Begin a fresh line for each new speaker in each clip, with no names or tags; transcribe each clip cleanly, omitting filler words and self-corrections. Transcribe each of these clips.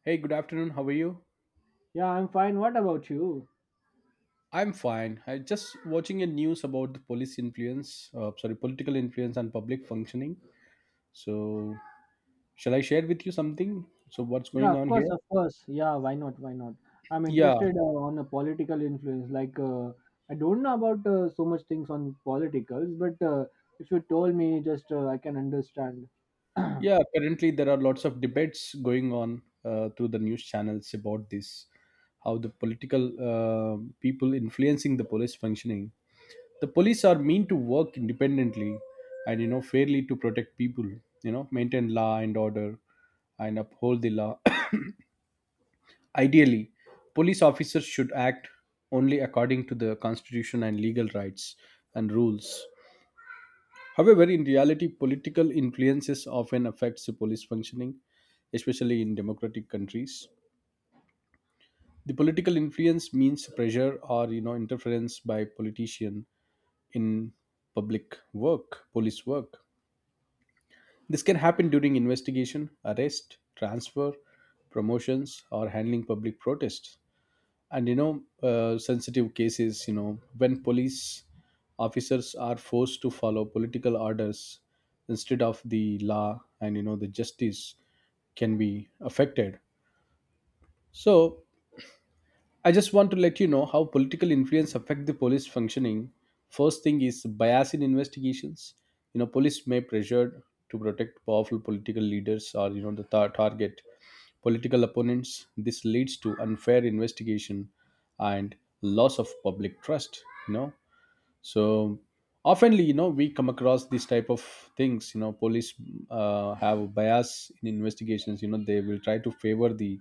Hey, good afternoon. How are you?
Yeah, I'm fine. What about you?
I'm fine. I just watching a news about the police influence, sorry, political influence on public functioning. So, shall I share with you something? So, what's
Yeah,
going
of
on
course,
here?
of course. Yeah, why not? Why not? I'm
Yeah,
interested on a political influence. I don't know about so much things on politicals, but if you told me, just I can understand.
yeah. Currently, there are lots of debates going on through the news channels about this, how the political people influencing the police functioning. The police are meant to work independently, and you know, fairly to protect people. You know, maintain law and order, and uphold the law. Ideally, police officers should act only according to the constitution and legal rights and rules. However, in reality, political influences often affects the police functioning, especially in democratic countries. The political influence means pressure or you know interference by politician in public work, police work. This can happen during investigation, arrest, transfer, promotions, or handling public protests. And you know sensitive cases, you know, when police officers are forced to follow political orders instead of the law, and you know the justice can be affected. So I just want to let you know how political influence affect the police functioning. First thing is bias in investigations. You know, police may pressure to protect powerful political leaders, or you know the target political opponents. This leads to unfair investigation and loss of public trust. You know, so oftenly, you know, we come across these type of things. You know, police have bias in investigations. You know, they will try to favor the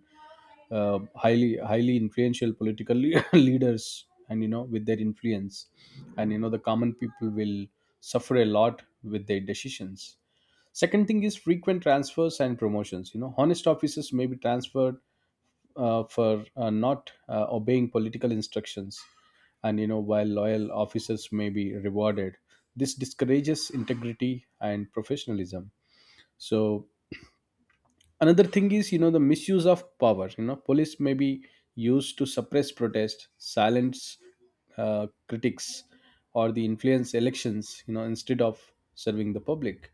highly influential political leaders, and you know with their influence, and you know the common people will suffer a lot with their decisions. Second thing is frequent transfers and promotions. You know, honest officers may be transferred for not obeying political instructions, and you know while loyal officers may be rewarded. This discourages integrity and professionalism. So another thing is, you know, the misuse of power. You know, police may be used to suppress protest, silence critics, or the influence elections, you know, instead of serving the public.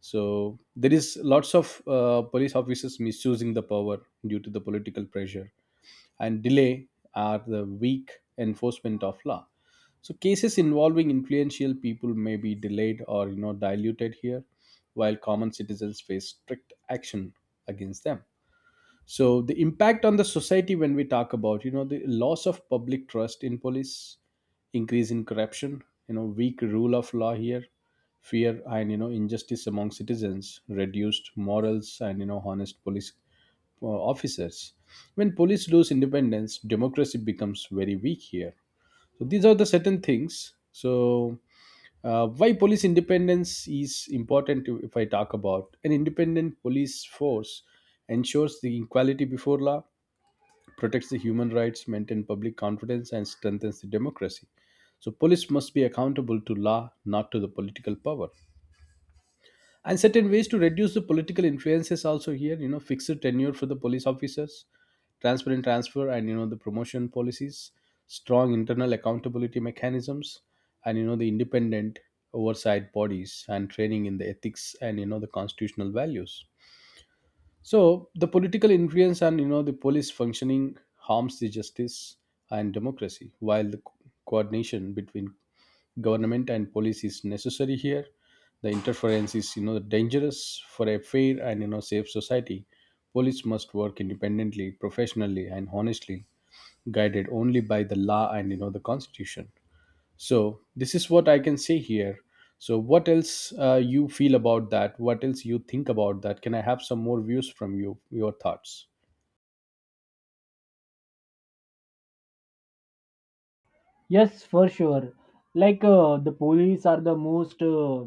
So there is lots of police officers misusing the power due to the political pressure. And delay are the weak enforcement of law. So cases involving influential people may be delayed or you know diluted here, while common citizens face strict action against them. So the impact on the society, when we talk about, you know, the loss of public trust in police, increase in corruption, you know, weak rule of law here, fear and you know injustice among citizens, reduced morals and you know honest police officers. When police lose independence, democracy becomes very weak here. So these are the certain things. So why police independence is important if I talk about an independent police force, ensures the equality before law, protects the human rights, maintains public confidence, and strengthens the democracy. So police must be accountable to law, not to the political power. And certain ways to reduce the political influences also here, you know, fixed tenure for the police officers, transparent transfer and you know the promotion policies, strong internal accountability mechanisms, and you know the independent oversight bodies, and training in the ethics and you know the constitutional values. So the political influence and you know the police functioning harms the justice and democracy, while the coordination between government and police is necessary here. The interference is, you know, dangerous for a fair and you know safe society. Police must work independently, professionally, and honestly, guided only by the law and you know the constitution. So this is what I can say here. So what else you feel about that, what else you think about that? Can I have some more views from you, your thoughts?
Yes, for sure. The police are the most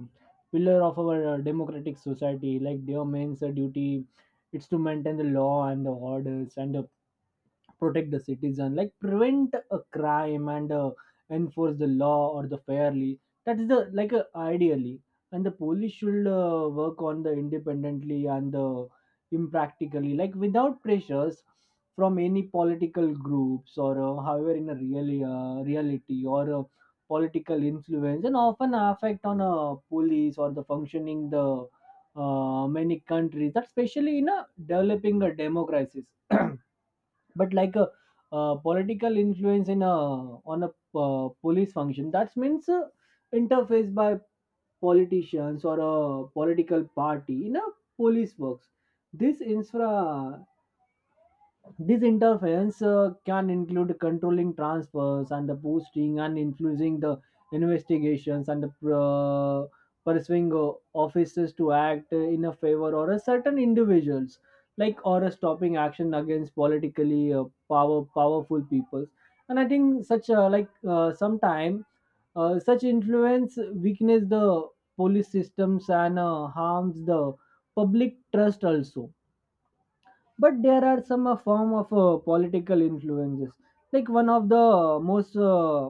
pillar of our democratic society. Like their main duty, it's to maintain the law and the orders and the protect the citizen, like prevent a crime and enforce the law or the fairly. That's the ideally, and the police should work on the independently and the impractically, like without pressures from any political groups or however in a real reality or political influence and often affect on a police or the functioning the many countries that especially in a developing a democracies. But political influence in a on a police function, that means interface by politicians or a political party in a police works. this infra this interference can include controlling transfers and the posting and influencing the investigations and the pursuing officers to act in a favor or a certain individuals, like or a stopping action against politically powerful peoples. And I think such sometime such influence weakens the police systems and harms the public trust also. But there are some form of political influences. Like, one of the most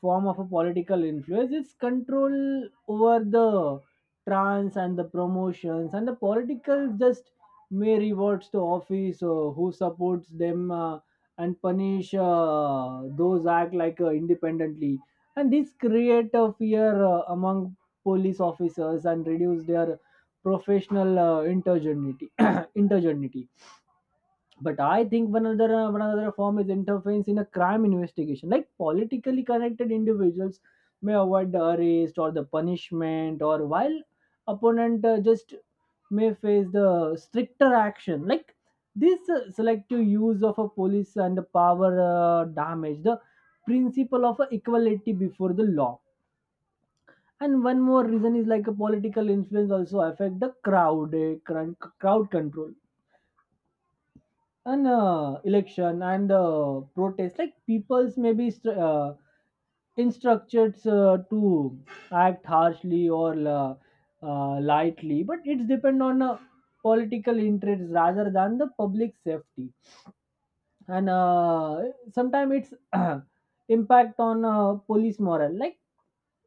form of a political influence is control over the trans and the promotions, and the political just may rewards to office who supports them, and punish those act like independently. And this create a fear among police officers and reduce their professional intergeneity intergeneity. But I think one other one another form is interference in a crime investigation. Like, politically connected individuals may avoid the arrest or the punishment, or while opponent just may face the stricter action. Like, this selective use of a police and the power damage the principle of equality before the law. And one more reason is like a political influence also affect the crowd, crowd control, an election and protest, like people's maybe instructed to act harshly or lightly, but it's depend on political interests rather than the public safety. And sometimes it's impact on police morale. Like,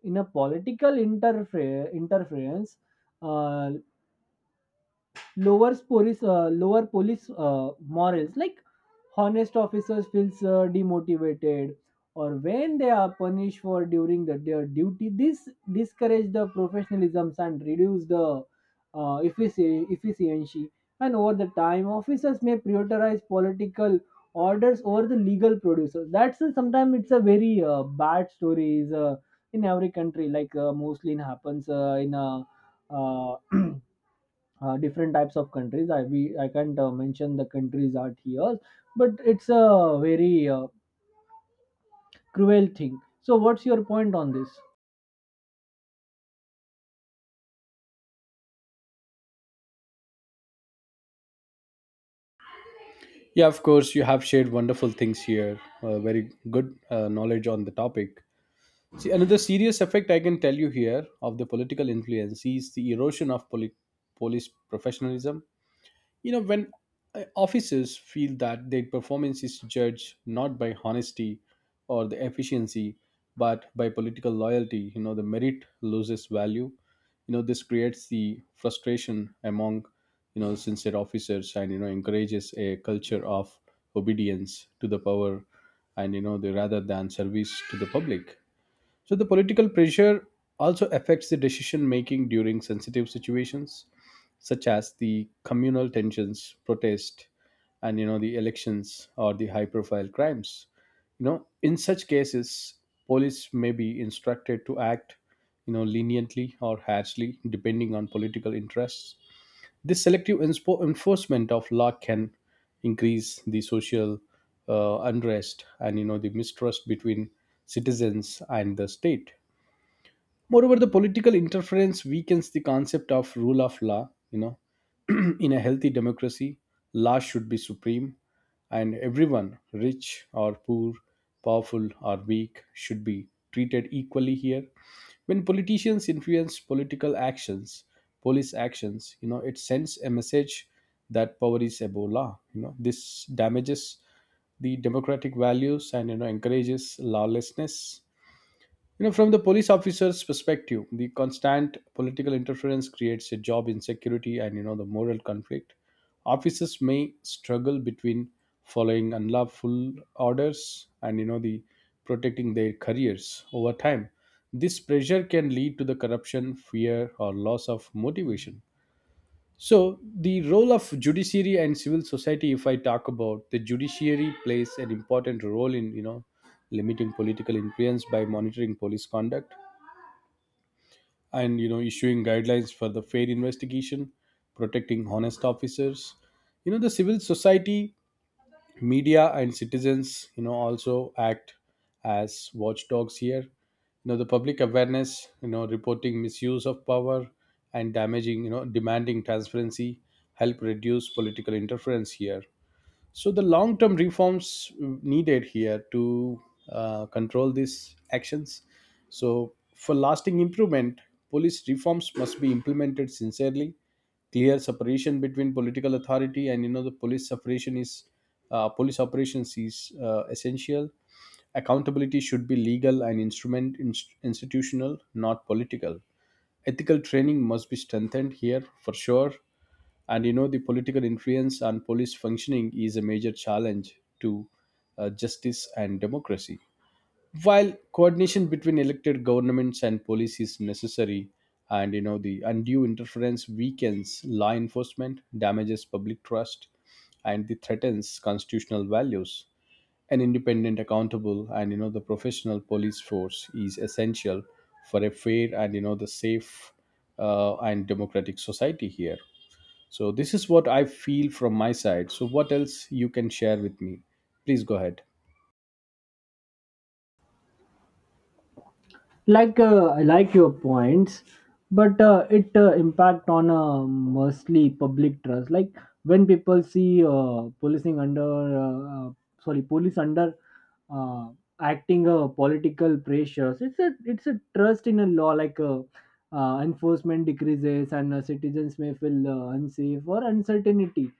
in a political interference uh, lowers police lower police morals. Like, honest officers feels demotivated, or when they are punished for during the, their duty, this discourage the professionalism and reduce the efficiency. And over the time, officers may prioritize political orders over the legal producers. That's, sometimes it's a very bad story is in every country. Like, mostly it happens in uh, different types of countries. I we I can't mention the countries out here, but it's a very cruel thing. So, what's your point on this?
Yeah, of course, you have shared wonderful things here, very good knowledge on the topic. See, another serious effect I can tell you here of the political influence is the erosion of police professionalism. You know, when officers feel that their performance is judged not by honesty or the efficiency, but by political loyalty, you know, the merit loses value. You know, this creates the frustration among, you know, sincere officers, and, you know, encourages a culture of obedience to the power, and, you know, the rather than service to the public. So the political pressure also affects the decision making during sensitive situations, such as the communal tensions, protest, and you know the elections or the high profile crimes. You know, in such cases, police may be instructed to act, you know, leniently or harshly, depending on political interests. This selective enforcement of law can increase the social unrest and you know the mistrust between citizens and the state. Moreover, the political interference weakens the concept of rule of law. You know, in a healthy democracy, law should be supreme, and everyone, rich or poor, powerful or weak, should be treated equally here. When politicians influence political actions, police actions, you know, it sends a message that power is above law. You know, this damages the democratic values, and you know encourages lawlessness. You know, from the police officer's perspective, the constant political interference creates a job insecurity, and you know the moral conflict. Officers may struggle between following unlawful orders and you know the protecting their careers over time. This pressure can lead to the corruption, fear, or loss of motivation. So, the role of judiciary and civil society, if I talk about the judiciary, plays an important role in, you know, limiting political influence by monitoring police conduct, and you know issuing guidelines for the fair investigation, protecting honest officers. You know, the civil society, media, and citizens, you know, also act as watchdogs here. You know, the public awareness, you know, reporting misuse of power, and damaging, you know, demanding transparency, help reduce political interference here. So the long-term reforms needed here to control these actions. So for lasting improvement, police reforms must be implemented sincerely. Clear separation between political authority and you know the police separation is police operations is essential. Accountability should be legal and institutional, not political. Ethical training must be strengthened here for sure. And you know the political influence on police functioning is a major challenge to justice and democracy, while coordination between elected governments and police is necessary, and you know the undue interference weakens law enforcement, damages public trust, and the threatens constitutional values. An independent, accountable, and you know the professional police force is essential for a fair and you know the safe and democratic society here. So this is what I feel from my side. So what else you can share with me? Please go ahead.
I like your points, but it impact on mostly public trust. Like, when people see policing under sorry, police under uh, acting a political pressures, it's a trust in a law. Like enforcement decreases, and citizens may feel unsafe or uncertainty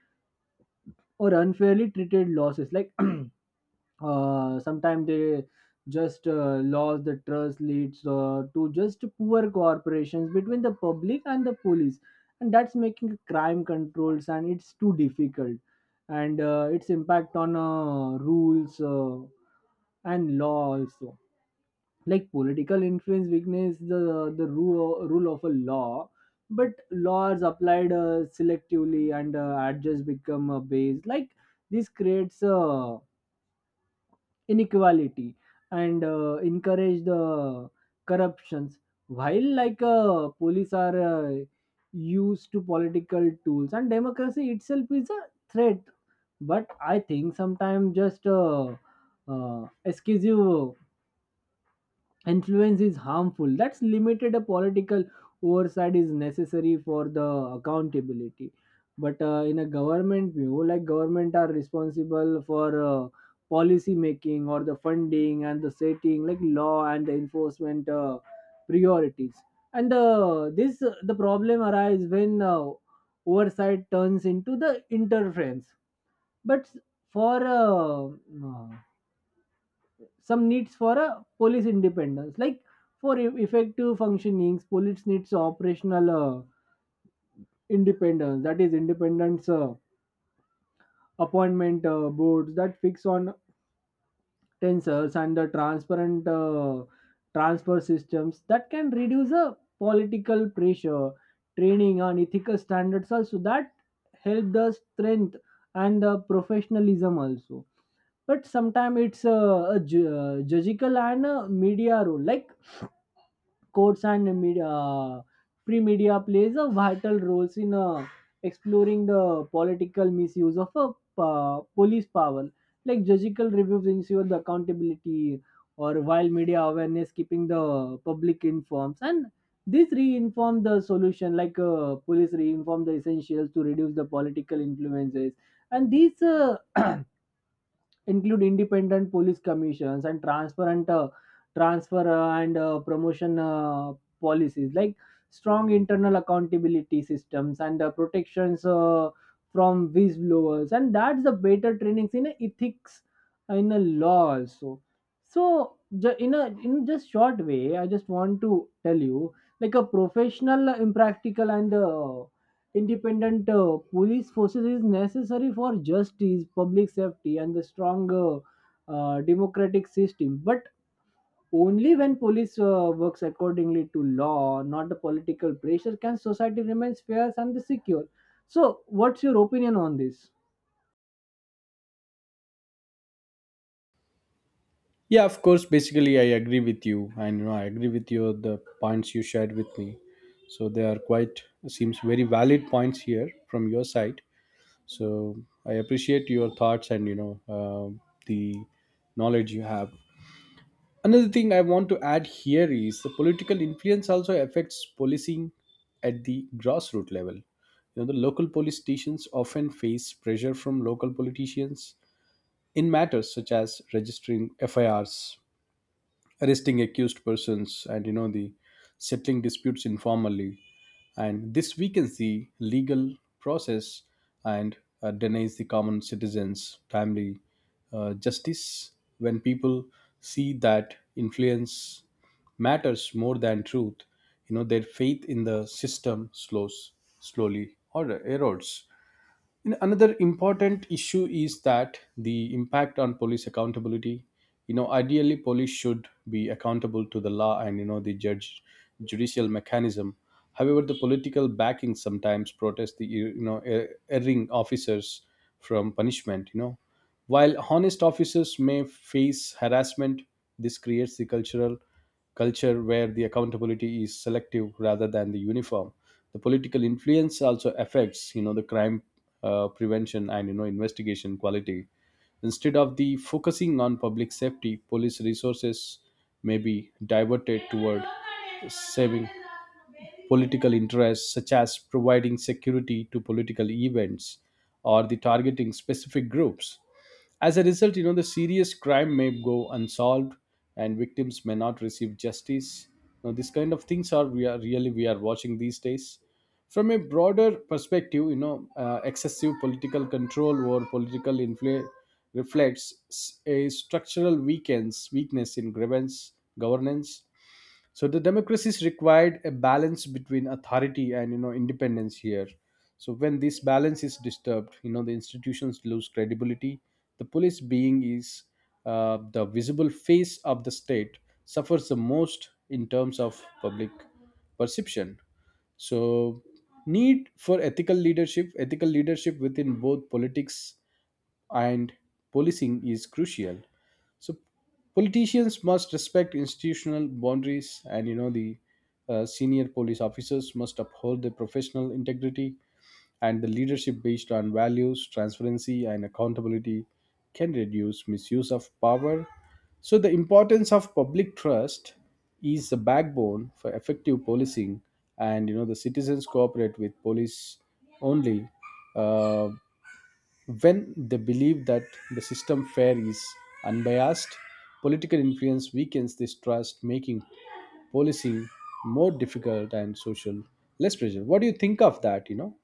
or unfairly treated losses. Like sometimes they just lost the trust, leads to just poor cooperations between the public and the police, and that's making crime controls and it's too difficult. And its impact on rules and law also. Like, political influence weakness the rule, rule of a law, but laws applied selectively, and adjust become a base. Like, this creates a inequality, and encourage the corruptions. While police are used to political tools, and democracy itself is a threat. But I think sometimes just uh, excuse you, influence is harmful. That's limited a political oversight is necessary for the accountability. But in a government view, like, government are responsible for policy making or the funding and the setting, like law and the enforcement priorities. And this the problem arises when oversight turns into the interference. But for uh, uh, some needs for a police independence. Like, for effective functionings, police needs operational independence, that is independence appointment boards that fix on tensors, and the transparent transfer systems that can reduce the political pressure. Training and ethical standards also, that help the strength and the professionalism also. But sometimes it's a judicial and a media role. Like, courts and media, free media plays a vital roles in exploring the political misuse of a police power. Like, judicial reviews ensure the accountability, or while media awareness keeping the public informed, and this reinform the solution. Police reinform the essentials to reduce the political influences. And these include independent police commissions and transparent transfer and promotion policies, like strong internal accountability systems, and protections from whistleblowers, and that's the better trainings in ethics in a law also. So in a in just short way, I just want to tell you, like, a professional impractical and independent police forces is necessary for justice, public safety, and the stronger democratic system. But only when police works accordingly to law, not the political pressure, can society remains fair and secure. So, what's your opinion on this?
Yeah, of course. Basically, I agree with you, and you know, I agree with you the points you shared with me. So they are quite seems very valid points here from your side. So I appreciate your thoughts, and you know the knowledge you have. Another thing I want to add here is the political influence also affects policing at the grassroots level. You know, the local police stations often face pressure from local politicians in matters such as registering FIRs, arresting accused persons, and you know the settling disputes informally, and this weakens the legal process, and denies the common citizens timely justice. When people see that influence matters more than truth, you know their faith in the system slows slowly or erodes. And another important issue is that the impact on police accountability. You know, ideally, police should be accountable to the law, and you know the judicial mechanism. However, the political backing sometimes protects the, you know, erring officers from punishment. You know, while honest officers may face harassment, this creates the cultural culture where the accountability is selective rather than the uniform. The political influence also affects, you know, the crime prevention and you know investigation quality. Instead of the focusing on public safety, police resources may be diverted toward saving political interests, such as providing security to political events or the targeting specific groups. As a result, you know, the serious crime may go unsolved, and victims may not receive justice. Now, this kind of things are we are watching these days. From a broader perspective, you know, excessive political control or political influence reflects a structural weakness, in grievance, governance. So the democracies required a balance between authority and you know independence here. So when this balance is disturbed, you know the institutions lose credibility. The police being is the visible face of the state, suffers the most in terms of public perception. So need for ethical leadership, ethical leadership within both politics and policing is crucial. So politicians must respect institutional boundaries, and you know the senior police officers must uphold their professional integrity, and the leadership based on values, transparency, and accountability can reduce misuse of power. So the importance of public trust is the backbone for effective policing, and you know the citizens cooperate with police only. Uh, when they believe that the system fair is unbiased, political influence weakens this trust, making policing more difficult and social less pressure. What do you think of that? You know,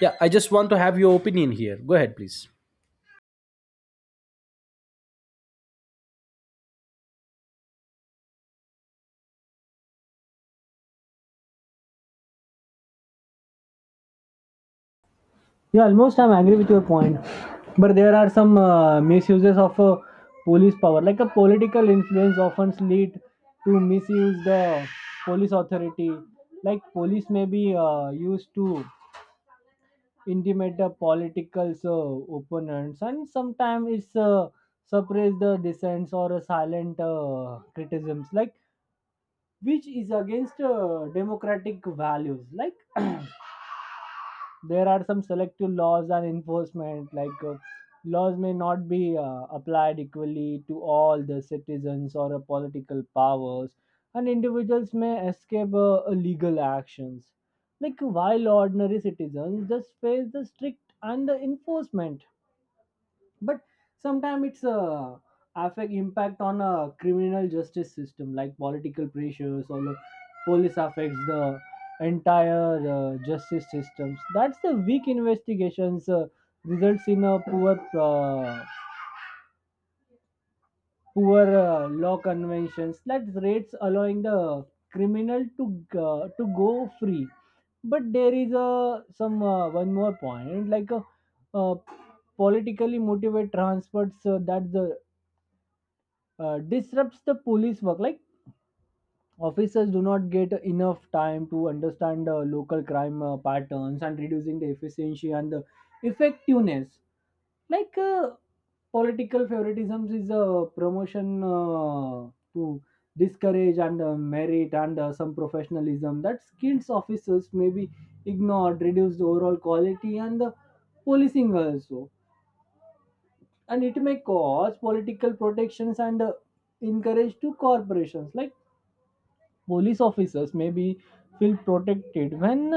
yeah, I just want to have your opinion here. Go ahead, please.
Yeah, almost I'm agree with your point. But there are some misuses of police power. Like, a political influence often lead to misuse the police authority. Like, police may be used to intimidate the political opponents, and sometimes it's suppress the dissents or silent criticisms, like, which is against democratic values. Like there are some selective laws and enforcement. Laws may not be applied equally to all the citizens or political powers, and individuals may escape legal actions, like, while ordinary citizens just face the strict and the enforcement. But sometimes it's a affect impact on a criminal justice system. Like, political pressures or the police affects the entire justice systems. That's the weak investigations results in a uh, poor law conventions that rates allowing the criminal to go free. But there is a some one more point, like uh, politically motivated transfers that the disrupts the police work. Like, officers do not get enough time to understand local crime patterns, and reducing the efficiency and the effectiveness. like uh, Political favoritism is a promotion to discourage and merit and some professionalism, that skilled officers may be ignored, reduce the overall quality and the policing also. And it may cause political protections, and encourage to corporations. Like, police officers may be feel protected when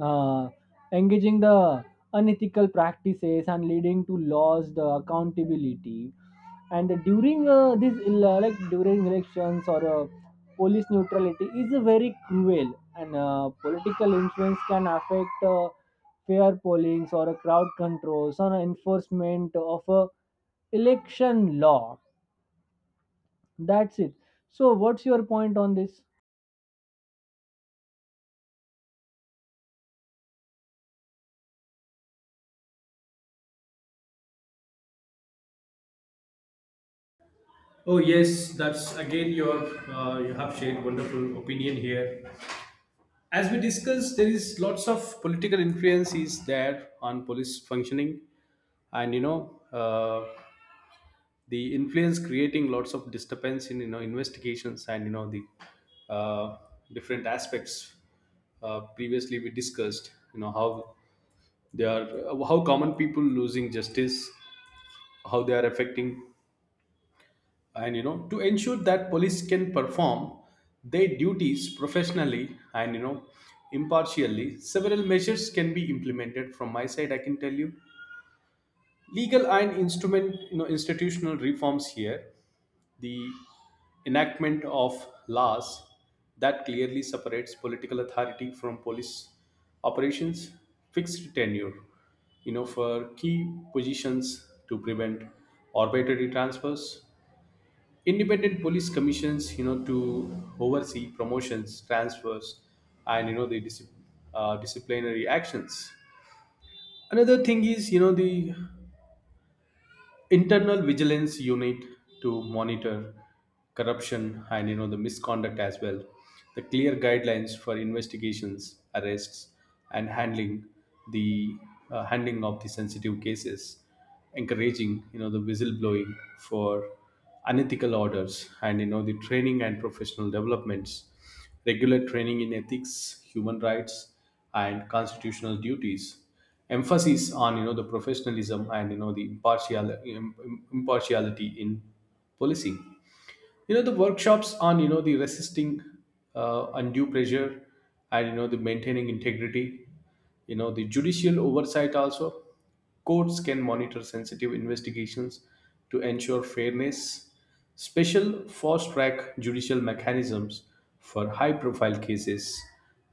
uh, engaging the unethical practices and leading to laws the accountability. And during like during elections or police neutrality is very cruel, and political influence can affect fair pollings or a crowd controls or enforcement of a election law. That's it. So, what's your point on this?
Oh yes, that's again you have shared wonderful opinion here. As we discussed, there is lots of political influence is there on police functioning, and the influence creating lots of disturbance in you know investigations and you know the uh, different aspects. Uh, previously we discussed you know how they are, how common people losing justice, how they are affecting, and you know to ensure that police can perform their duties professionally and you know impartially, several measures can be implemented. From my side, I can tell you legal and instrument, you know, institutional reforms here. The enactment of laws that clearly separates political authority from police operations, fixed tenure you know for key positions to prevent arbitrary transfers, independent police commissions you know to oversee promotions, transfers, and you know the disciplinary actions. Another thing is you know the internal vigilance unit to monitor corruption and you know the misconduct as well, the clear guidelines for investigations, arrests, and handling the handling of the sensitive cases, encouraging you know the whistleblowing for unethical orders, and you know the training and professional developments, regular training in ethics, human rights, and constitutional duties. Emphasis on you know the professionalism and you know the impartiality in policing, you know the workshops on you know the resisting undue pressure and you know the maintaining integrity, you know the judicial oversight also. Courts can monitor sensitive investigations to ensure fairness, special fast track judicial mechanisms for high profile cases,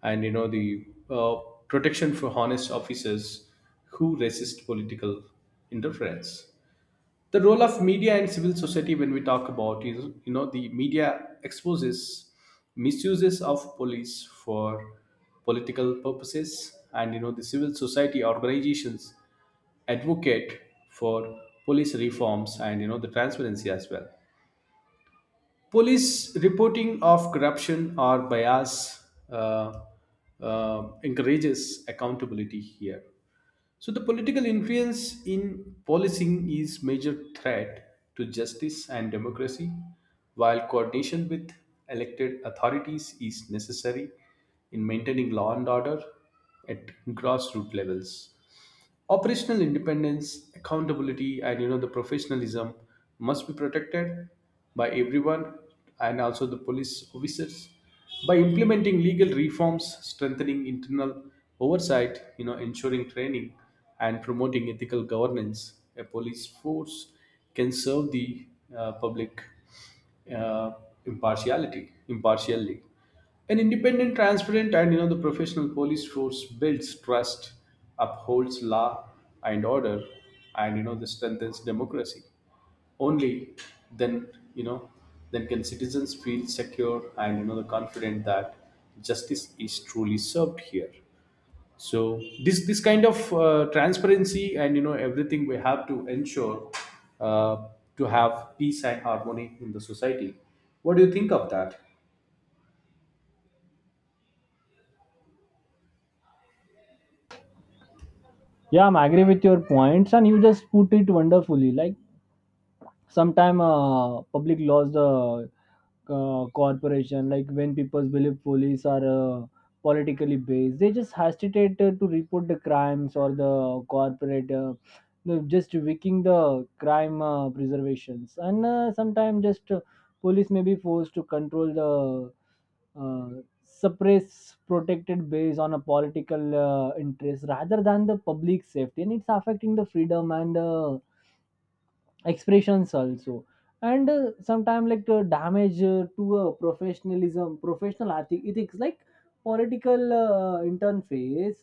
and you know the uh, protection for honest officers who resist political interference. The role of media and civil society, when we talk about, is you know the media exposes misuses of police for political purposes, and you know the civil society organizations advocate for police reforms and you know the transparency as well, police reporting of corruption or bias, encourages accountability here. So the political influence in policing is major threat to justice and democracy, while coordination with elected authorities is necessary in maintaining law and order at grassroots levels. Operational independence, accountability, and you know the professionalism must be protected by everyone and also the police officers. By implementing legal reforms, strengthening internal oversight, you know ensuring training and promoting ethical governance, a police force can serve the public uh, impartiality impartially. An independent, transparent, and you know the professional police force builds trust, upholds law and order, and you know this strengthens democracy. Only then, you know, then can citizens feel secure and you know the confident that justice is truly served here. So this kind of transparency and you know everything, we have to ensure uh, to have peace and harmony in the society. What do you think of that?
Yeah, I'm agree with your points, and you just put it wonderfully. Like, sometime public lost the corporation. Like, when people believe police are politically based, they just hesitate to report the crimes or the corporate no, just wicking the crime preservations. And sometimes just police may be forced to control the suppress protected based on a political interest rather than the public safety, and it's affecting the freedom and expressions also. And sometimes damage to professionalism, professional ethics. Like, political interface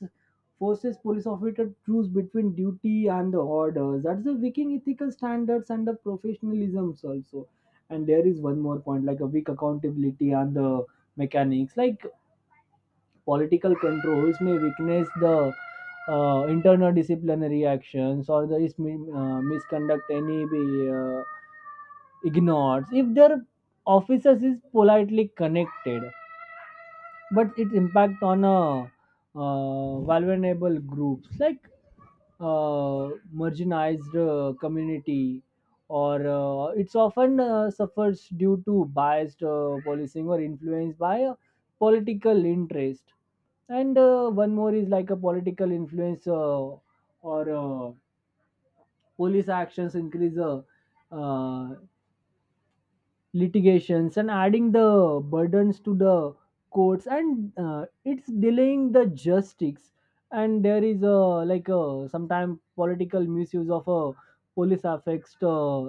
forces police officer to choose between duty and the orders, that's the weakening ethical standards and the professionalisms also. And there is one more point, like, a weak accountability and the mechanics. Like, political controls may weakness the internal disciplinary actions, or the is, misconduct any be, ignores if their officers is politely connected. But its impact on a vulnerable groups, like marginalized community, or it's often suffers due to biased policing or influenced by a political interest. And one more is, like, a political influence or police actions increase uh, litigations and adding the burdens to the courts, and it's delaying the justice. And there is a, like, a sometimes political misuse of a police affects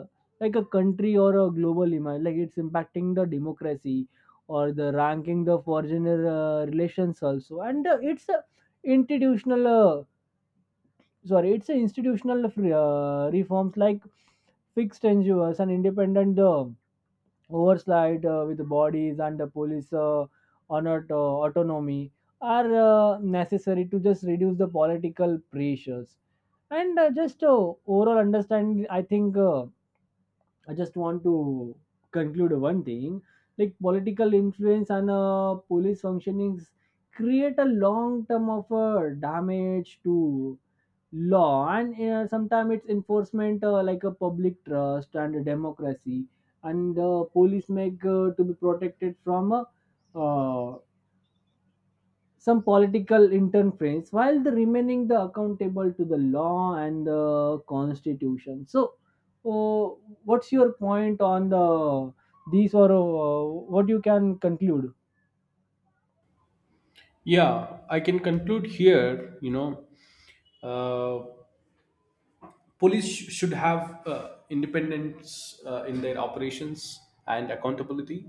like a country or a global image. Like, it's impacting the democracy or the ranking the foreigner relations also. And it's a institutional sorry, it's a institutional reforms. Like, fixed ngos and independent overslide with the bodies, and the police honored, autonomy are necessary to just reduce the political pressures. And uh, just uh, overall understanding, I think, I just want to conclude one thing, like, political influence and police functionings create a long term of damage to law, and sometimes it's enforcement like a public trust and democracy. And police make to be protected from uh, some political interference, while the remaining the accountable to the law and the constitution. So, uh, what's your point on the these or what you can conclude?
Yeah, I can conclude here. You know, uh, police should have independence in their operations and accountability,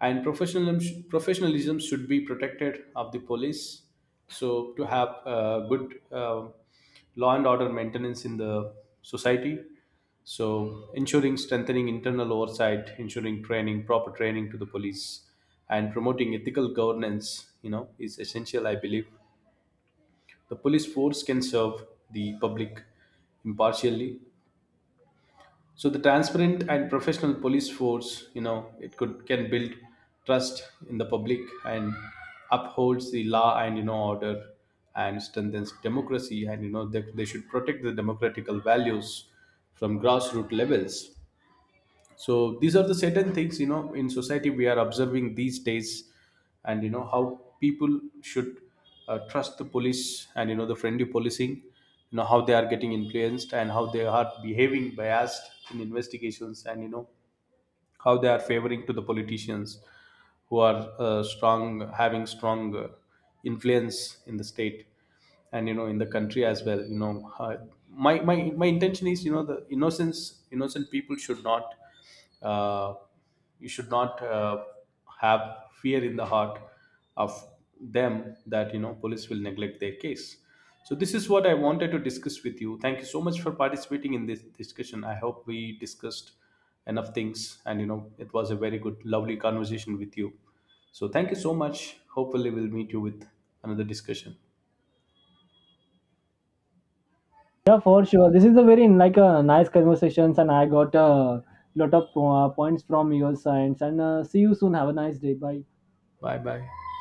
and professionalism professionalism should be protected of the police. So to have good law and order maintenance in the society. So ensuring strengthening internal oversight, ensuring training, proper training to the police, and promoting ethical governance, you know, is essential. I believe the police force can serve the public impartially. So the transparent and professional police force, you know, it could can build trust in the public and upholds the law and you know order and strengthens democracy, and you know they should protect the democratical values from grassroots levels. So these are the certain things, you know, in society we are observing these days, and you know how people should trust the police, and you know the friendly policing, you know how they are getting influenced and how they are behaving biased in investigations, and you know how they are favoring to the politicians who are strong having strong influence in the state and you know in the country as well. You know, my intention is, you know, the innocence innocent people should not uh, you should not have fear in the heart of them that you know police will neglect their case. So this is what I wanted to discuss with you. Thank you so much for participating in this discussion. I hope we discussed enough things, and you know it was a very good lovely conversation with you. So thank you so much. Hopefully we'll meet you with another discussion.
Yeah, for sure. This is a very like a nice conversations, and I got a lot of points from your sides. And see you soon. Have a nice day. Bye.
Bye bye.